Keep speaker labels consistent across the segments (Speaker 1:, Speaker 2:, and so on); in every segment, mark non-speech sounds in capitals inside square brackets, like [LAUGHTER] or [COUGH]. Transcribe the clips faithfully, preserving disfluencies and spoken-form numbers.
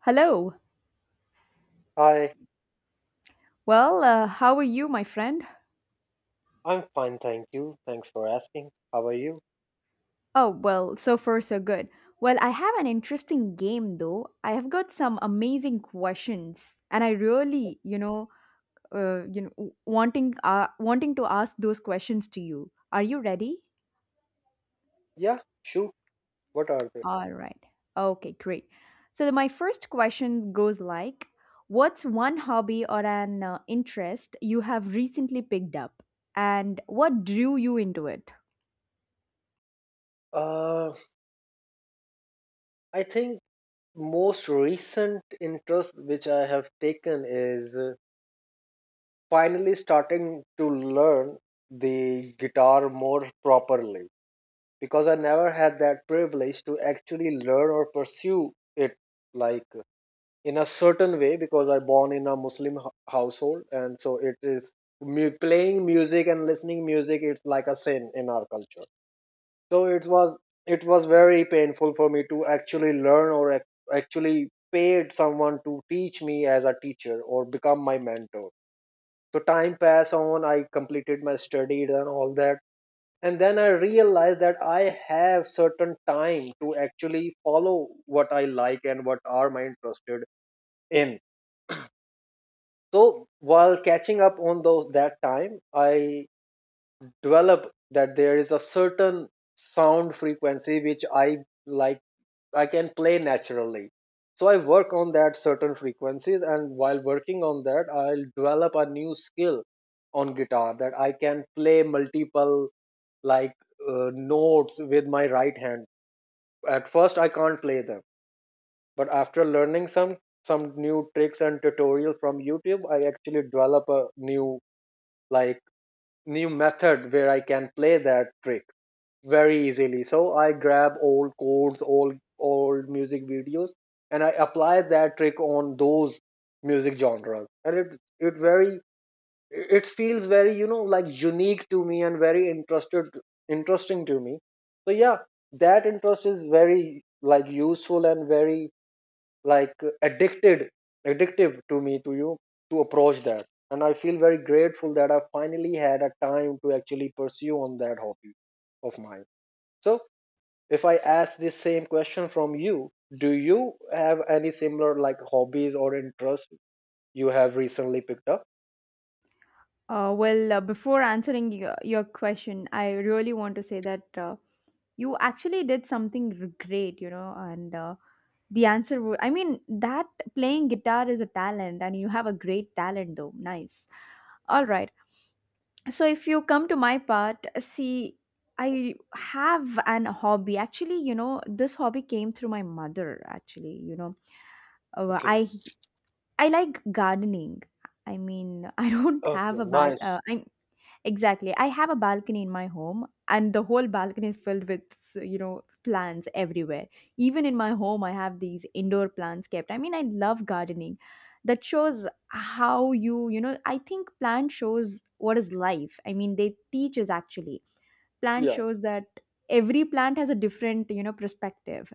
Speaker 1: Hello.
Speaker 2: Hi,
Speaker 1: Well, uh, how are you, my friend?
Speaker 2: I'm fine, thank you. Thanks for asking. How are you?
Speaker 1: Oh, well, so far so good. Well, I have an interesting game though. I have got some amazing questions, and I really, you know, uh, you know, w- wanting uh, wanting to ask those questions to you. Are you ready?
Speaker 2: Yeah, sure. What are they?
Speaker 1: All right. Okay, great. So the- my first question goes like, what's one hobby or an uh, interest you have recently picked up, and what drew you into it?
Speaker 2: Uh, I think most recent interest which I have taken is uh, finally starting to learn the guitar more properly because I never had that privilege to actually learn or pursue it like in a certain way because I born in a Muslim h- household, and so it is mu- playing music and listening music. It's like a sin in our culture. So it was it was very painful for me to actually learn or ac- actually paid someone to teach me as a teacher or become my mentor. So time passed on. I completed my studies and all that. And then I realized that I have certain time to actually follow what I like and what are my interested in. So while catching up on those that time, I developed that there is a certain sound frequency which I like I can play naturally. So I work on that certain frequencies, and while working on that I'll develop a new skill on guitar that I can play multiple like uh, notes with my right hand. At first I can't play them, but after learning some some new tricks and tutorial from YouTube, I actually develop a new like new method where I can play that trick very easily. So I grab old chords, old old music videos, and I apply that trick on those music genres. And it it very it feels very you know like unique to me and very interested interesting to me. So yeah, that interest is very like useful and very like addicted addictive to me to you to approach that, and I feel very grateful that I finally had a time to actually pursue on that hobby of mine. So if I ask this same question from you, do you have any similar like hobbies or interests you have recently picked up?
Speaker 1: Uh, well, uh, before answering your, your question, I really want to say that uh, you actually did something r- great, you know, and uh, the answer, w- I mean, that playing guitar is a talent and you have a great talent though. Nice. All right. So if you come to my part, see, I have an hobby actually, you know, this hobby came through my mother actually, you know, uh,
Speaker 2: Okay.
Speaker 1: i i like gardening. I mean, [LAUGHS] I don't have
Speaker 2: Okay.
Speaker 1: a bal
Speaker 2: Nice.
Speaker 1: uh, I, exactly. I have a balcony in my home, and the whole balcony is filled with, s- you know, plants everywhere. Even in my home, I have these indoor plants kept. I mean, I love gardening. That shows how you, you know, I think plant shows what is life. I mean, they teach us actually. Plant
Speaker 2: Yeah.
Speaker 1: shows that every plant has a different, you know, perspective.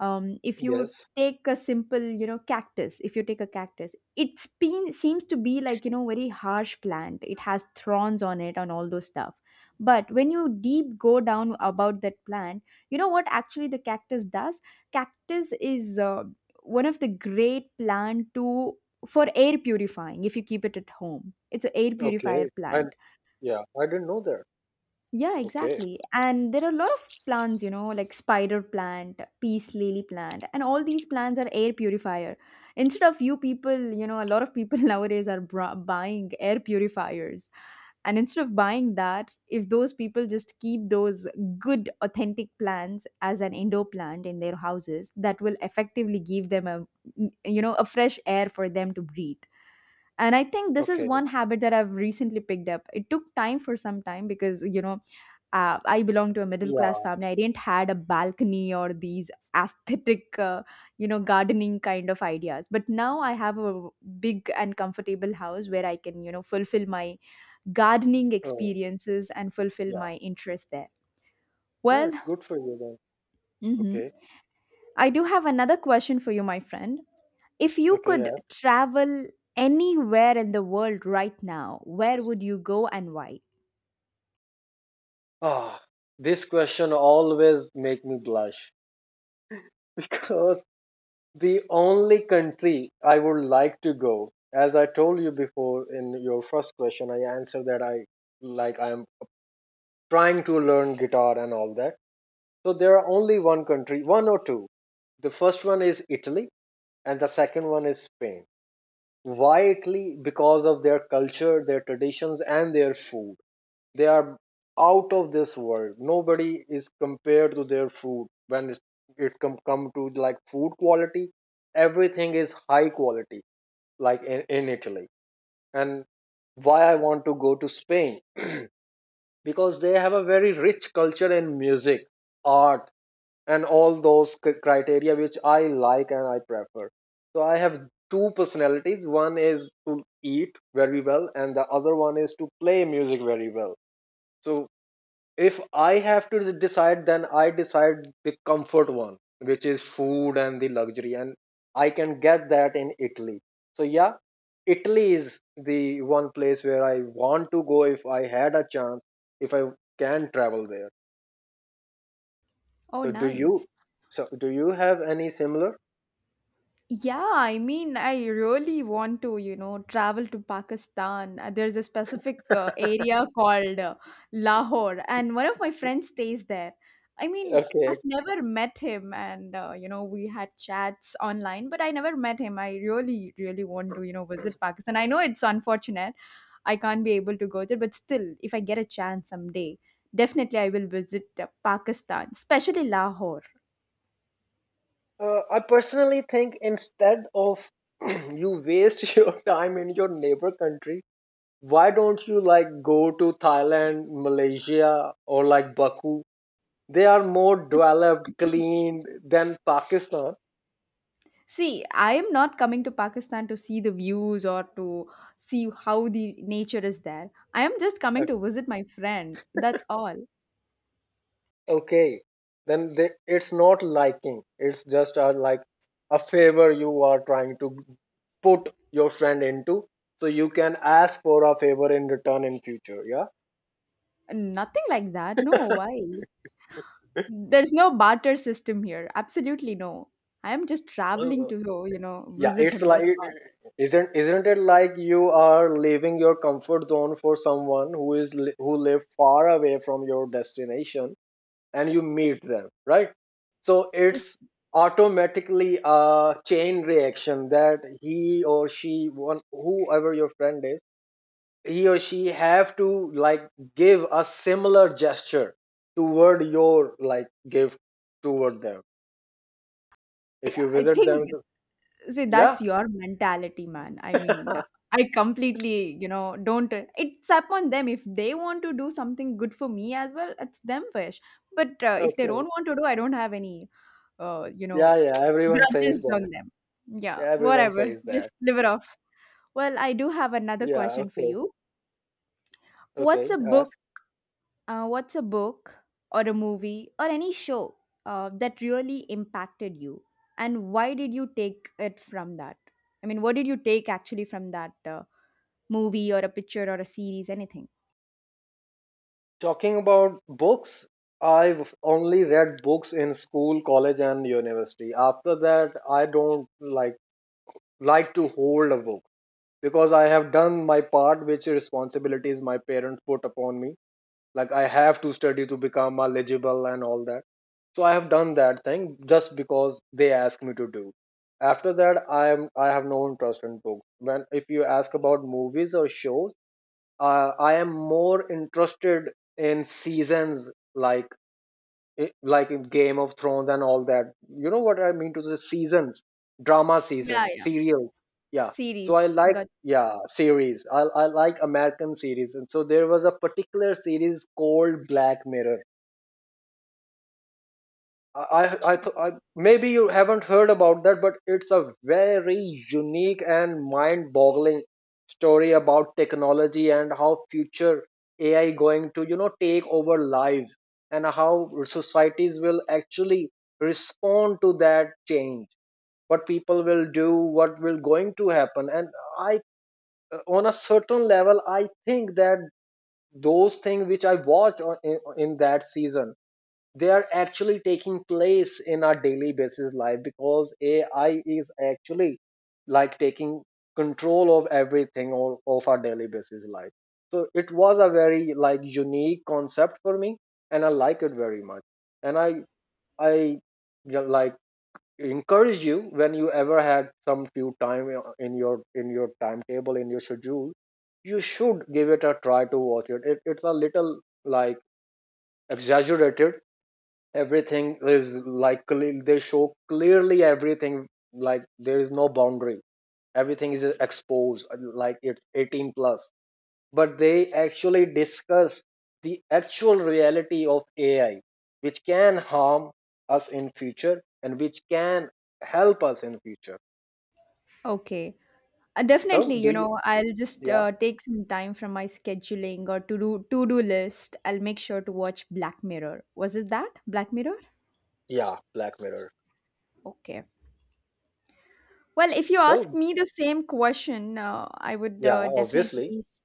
Speaker 1: Um, if you
Speaker 2: Yes.
Speaker 1: take a simple, you know, cactus if you take a cactus, it's been seems to be like, you know, very harsh plant. It has thorns on it and all those stuff. But when you deep go down about that plant, you know what actually the cactus does. Cactus is uh, one of the great plant to for air purifying. If you keep it at home, it's an air purifier
Speaker 2: Okay, and
Speaker 1: plant.
Speaker 2: yeah, I didn't know that.
Speaker 1: Yeah,
Speaker 2: Okay.
Speaker 1: exactly. And there are a lot of plants, you know, like spider plant, peace lily plant, and all these plants are air purifier. Instead of you people, you know, a lot of people [LAUGHS] nowadays are bra- buying air purifiers. And instead of buying that, if those people just keep those good authentic plants as an indoor plant in their houses, that will effectively give them a, you know, a fresh air for them to breathe. And I think this is
Speaker 2: Okay.
Speaker 1: one habit that I've recently picked up. It took time for some time because, you know, uh, I belong to a middle class
Speaker 2: Yeah.
Speaker 1: family. I didn't had a balcony or these aesthetic, uh, you know, gardening kind of ideas. But now I have a big and comfortable house where I can, you know, fulfill my gardening
Speaker 2: Oh,
Speaker 1: experiences and fulfill
Speaker 2: yeah.
Speaker 1: my interest there. Well,
Speaker 2: Yeah, good for you then.
Speaker 1: hmm,
Speaker 2: Okay.
Speaker 1: I do have another question for you, my friend. If you could
Speaker 2: Okay.
Speaker 1: travel anywhere in the world right now, where would you go and why?
Speaker 2: Ah, this question always make me blush [LAUGHS] because the only country I would like to go, as I told you before in your first question, I answered that I like I am trying to learn guitar and all that. So there are only one country, one or two. The first one is Italy and the second one is Spain. Why Italy? Because of their culture, their traditions and their food. They are out of this world. Nobody is compared to their food when it, it come come to like food quality. Everything is high quality, like in, in Italy. And why I want to go to Spain because they have a very rich culture in music, art, and all those c- criteria which I like and I prefer. So I have two personalities. One is to eat very well, and the other one is to play music very well. So if I have to decide, then I decide the comfort one, which is food and the luxury, and I can get that in Italy. So yeah, Italy is the one place where I want to go if I had a chance, if I can travel there.
Speaker 1: Oh,
Speaker 2: So do
Speaker 1: nice.
Speaker 2: you? So do you have any similar?
Speaker 1: Yeah, I mean, I really want to, you know, travel to Pakistan. Uh, There's a specific uh, area called uh, Lahore, and one of my friends stays there. I mean,
Speaker 2: Okay.
Speaker 1: I've never met him, and uh, you know, we had chats online, but I never met him. I really, really want to, you know, visit Pakistan. I know it's unfortunate I can't be able to go there, but still, if I get a chance someday, definitely I will visit uh, Pakistan, especially Lahore.
Speaker 2: Uh, I personally think instead of [CLEARS THROAT] you waste [LAUGHS] your time in your neighbor country, why don't you like go to Thailand, Malaysia, or like Baku? They are more developed,
Speaker 1: [CLEARS THROAT]
Speaker 2: clean than Pakistan.
Speaker 1: See, I am not coming to Pakistan to see the views or to see how the nature is there. I am just
Speaker 2: Uh,
Speaker 1: coming to visit my friend. That's all.
Speaker 2: Okay, then they, it's not liking. It's just a, like a favor you are trying to put your friend into, so you can ask for a favor in return in future. Yeah.
Speaker 1: Nothing like that. No, why? There's no barter system here. Absolutely no. I am just traveling to, you know,
Speaker 2: Yeah,
Speaker 1: visit
Speaker 2: it's
Speaker 1: him. That's
Speaker 2: like
Speaker 1: all.
Speaker 2: isn't isn't it like you are leaving your comfort zone for someone who is li- who live far away from your destination, and you meet them, right? So it's automatically a chain reaction that he or she one whoever your friend is, he or she have to like give a similar gesture toward your like gift toward them. If you
Speaker 1: I
Speaker 2: visit
Speaker 1: think,
Speaker 2: them,
Speaker 1: see,
Speaker 2: yeah.
Speaker 1: that's your mentality, man. I mean, I completely, you know, don't. It's up on them. If they want to do something good for me as well, it's them wish. But uh,
Speaker 2: [LAUGHS]
Speaker 1: if they don't
Speaker 2: Okay.
Speaker 1: want to do, I don't have any, uh, you
Speaker 2: Yeah,
Speaker 1: know,
Speaker 2: yeah, everyone says
Speaker 1: grudges
Speaker 2: that.
Speaker 1: on them. Yeah,
Speaker 2: Yeah, everyone
Speaker 1: whatever.
Speaker 2: says
Speaker 1: Just
Speaker 2: that.
Speaker 1: live it off. Well, I do have another
Speaker 2: Yeah,
Speaker 1: question for
Speaker 2: okay,
Speaker 1: you. What's
Speaker 2: okay.
Speaker 1: a book
Speaker 2: Ask.
Speaker 1: uh, what's a book or a movie or any show uh, that really impacted you? And why did you take it from that? I mean, what did you take actually from that uh, movie or a picture or a series, anything?
Speaker 2: Talking about books, I've only read books in school, college, and university. After that, I don't like like to hold a book because I have done my part, which responsibilities my parents put upon me. Like I have to study to become eligible and all that. So I have done that thing just because they asked me to do. After that i am I have no interest in books. When if you ask about movies or shows, uh, I am more interested in seasons like i- like in Game of Thrones and all that. You know what I mean to the seasons, drama
Speaker 1: Yeah,
Speaker 2: season
Speaker 1: yeah.
Speaker 2: serials. Yeah, so
Speaker 1: Series.
Speaker 2: I like
Speaker 1: Got
Speaker 2: yeah series i, I like American series, and so there was a particular series called Black Mirror. I, I, th- I, maybe you haven't heard about that, but it's a very unique and mind-boggling story about technology and how future A I going to you know take over lives and how societies will actually respond to that change. What people will do, what will going to happen, and I on a certain level I think that those things which I watched on, in, in that season, they are actually taking place in our daily basis life because A I is actually like taking control of everything all of our daily basis life. So it was a very like unique concept for me, and I like it very much. And I I ju- like encourage you when you ever had some few time in your in your timetable in your schedule, you should give it a try to watch it. It it's a little like exaggerated, everything is like cle- they show clearly everything, like there is no boundary, everything is exposed, like it's eighteen plus, but they actually discuss the actual reality of A I which can harm us in future and which can help us in future.
Speaker 1: okay. Uh,
Speaker 2: So
Speaker 1: definitely,
Speaker 2: do
Speaker 1: you
Speaker 2: you
Speaker 1: know, I'll just
Speaker 2: yeah,
Speaker 1: uh, take some time from my scheduling or to do to do list. I'll make sure to watch Black Mirror. Was it that Black Mirror?
Speaker 2: yeah, Black Mirror.
Speaker 1: Okay. Well, if you ask
Speaker 2: So
Speaker 1: me the [LAUGHS] same question, uh, I would
Speaker 2: yeah,
Speaker 1: uh,
Speaker 2: obviously
Speaker 1: definitely s-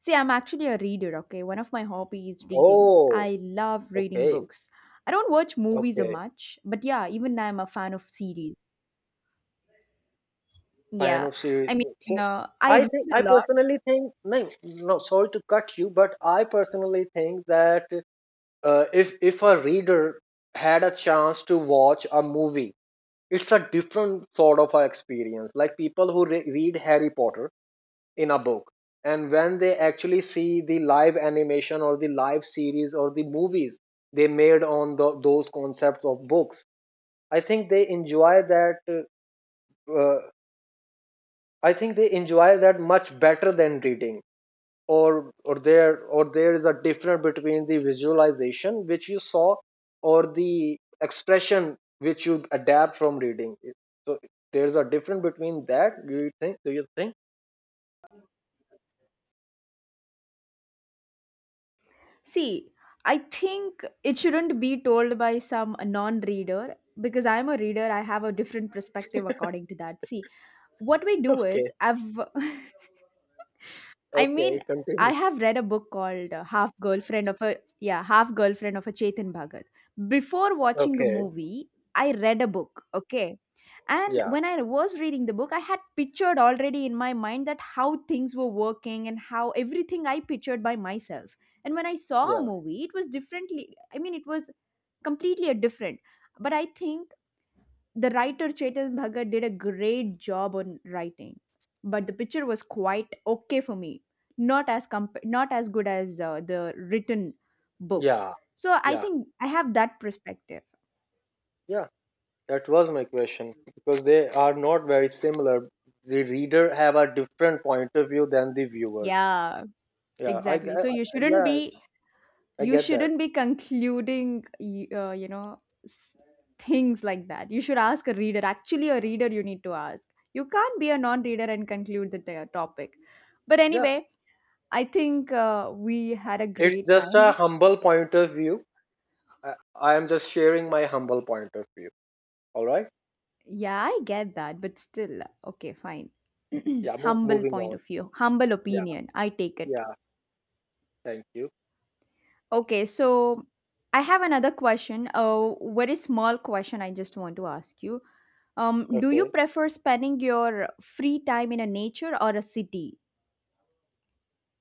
Speaker 1: see. I'm actually a reader. Okay, one of my hobbies is reading.
Speaker 2: oh
Speaker 1: I love reading
Speaker 2: okay
Speaker 1: books. I don't watch movies a
Speaker 2: okay,
Speaker 1: much, but yeah, even I'm a fan of series.
Speaker 2: fan
Speaker 1: Yeah,
Speaker 2: of series.
Speaker 1: I mean,
Speaker 2: So
Speaker 1: uh, I
Speaker 2: I
Speaker 1: read
Speaker 2: think
Speaker 1: a
Speaker 2: I
Speaker 1: lot.
Speaker 2: personally think no, no. Sorry to cut you, but I personally think that uh, if if a reader had a chance to watch a movie, it's a different sort of a experience. Like people who re- read Harry Potter in a book, and when they actually see the live animation or the live series or the movies they made on the, those concepts of books, I think they enjoy that uh, I think they enjoy that much better than reading. Or or there or there is a difference between the visualization which you saw or the expression which you adapt from reading. So there's a difference between that. Do you think? Do you think? [LAUGHS]
Speaker 1: See, I think it shouldn't be told by some non-reader because I'm a reader. I have a different perspective according to that. See, what we do is
Speaker 2: Okay.
Speaker 1: I've [LAUGHS] I mean,
Speaker 2: Okay.
Speaker 1: I
Speaker 2: Continue.
Speaker 1: have read a book called uh, Half Girlfriend of a, yeah, Half Girlfriend of a Chetan Bhagat. Before watching a
Speaker 2: Okay.
Speaker 1: movie, I read a book, okay? And
Speaker 2: Yeah.
Speaker 1: when I was reading the book, I had pictured already in my mind that how things were working and how everything I pictured by myself. And when I saw
Speaker 2: Yeah.
Speaker 1: a movie, it was differently, I mean, it was completely a different. But I think the writer Chetan Bhagat did a great job on writing, but the picture was quite okay for me. Not as comp- not as good as uh, the written book.
Speaker 2: Yeah.
Speaker 1: So I
Speaker 2: Yeah.
Speaker 1: think I have that perspective.
Speaker 2: Yeah. That was my question because they are not very similar. The reader have a different point of view than the viewer.
Speaker 1: Yeah,
Speaker 2: Yeah. I, I
Speaker 1: exactly. So
Speaker 2: I-
Speaker 1: you shouldn't
Speaker 2: yeah.
Speaker 1: be
Speaker 2: I
Speaker 1: you
Speaker 2: get that.
Speaker 1: shouldn't be concluding y- uh, you know, s- things like that. You should ask a reader. Actually, a reader you need to ask. You can't be a non-reader and conclude the t- topic. But
Speaker 2: Yeah,
Speaker 1: anyway, I think uh, we had a
Speaker 2: it's
Speaker 1: great
Speaker 2: just a
Speaker 1: time.
Speaker 2: humble point of view. I, I am just sharing my humble point of view. All right.
Speaker 1: Yeah, I get that, but still, okay, fine. [CLEARS THROAT]
Speaker 2: Yeah, mo-
Speaker 1: Humble
Speaker 2: moving
Speaker 1: point
Speaker 2: on.
Speaker 1: of view, humble
Speaker 2: Yeah,
Speaker 1: opinion. I take it.
Speaker 2: yeah. Thank you.
Speaker 1: Okay, so I have another question. A very small question I just want to ask you. Um, do you
Speaker 2: Okay.
Speaker 1: prefer spending your free time in a nature or a city?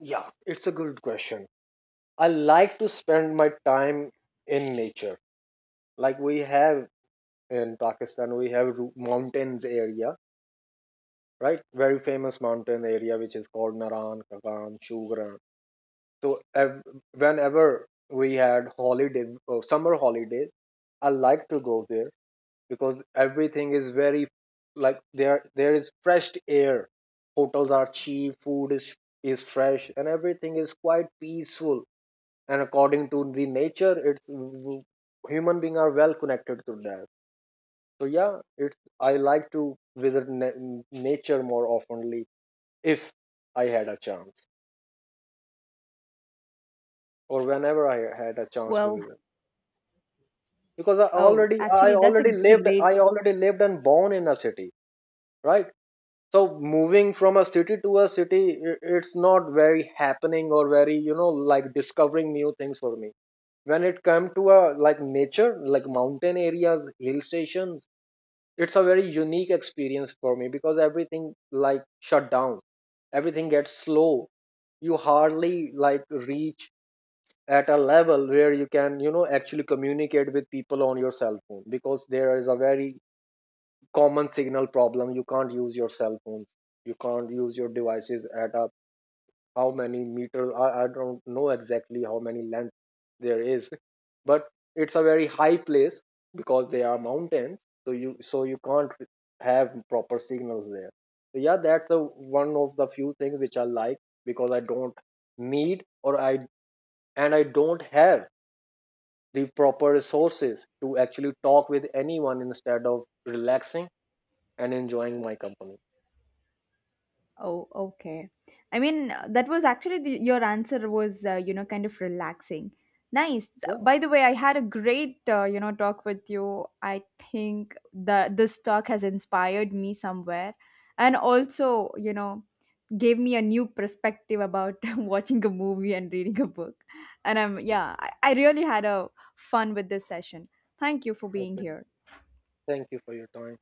Speaker 2: Yeah, it's a good question. I like to spend my time in nature. Like we have in Pakistan, we have ru- mountains area, right? Very famous mountain area which is called Naran, Kagan, Shugran. So ev- whenever we had holiday, uh, summer holidays, I like to go there because everything is very like there there is fresh air, hotels are cheap, food is is fresh, and everything is quite peaceful, and according to the nature it's human being are well connected to that. So yeah, it's I like to visit na- nature more oftenly if I had a chance or whenever I had a chance to
Speaker 1: Well,
Speaker 2: visit because i
Speaker 1: oh,
Speaker 2: already i
Speaker 1: actually, that's a
Speaker 2: already lived
Speaker 1: great
Speaker 2: i already lived and born in a city, right? So moving from a city to a city, i- it's not very happening or very you know like discovering new things for me. When it comes to a like nature, like mountain areas, hill stations, it's a very unique experience for me because everything like shut down, everything gets slow, you hardly like reach at a level where you can you know actually communicate with people on your cell phone because there is a very common signal problem. You can't use your cell phones, you can't use your devices at a how many meter I, I don't know exactly how many length there is, but it's a very high place because they are mountains. So you so you can't have proper signals there. So yeah, that's a, one of the few things which I like because I don't need or I and I don't have the proper resources to actually talk with anyone instead of relaxing and enjoying my company.
Speaker 1: oh, okay. I mean, uh, that was actually the, your answer was, uh, you know, kind of relaxing. Nice.
Speaker 2: Yeah,
Speaker 1: By the way, I had a great, uh, you know, talk with you. I think the this talk has inspired me somewhere, and also, you know, gave me a new perspective about [LAUGHS] watching a movie and reading a book. And I'm, yeah, I, I really had a fun with this session. Thank you for being
Speaker 2: okay.
Speaker 1: here.
Speaker 2: Thank you for your time.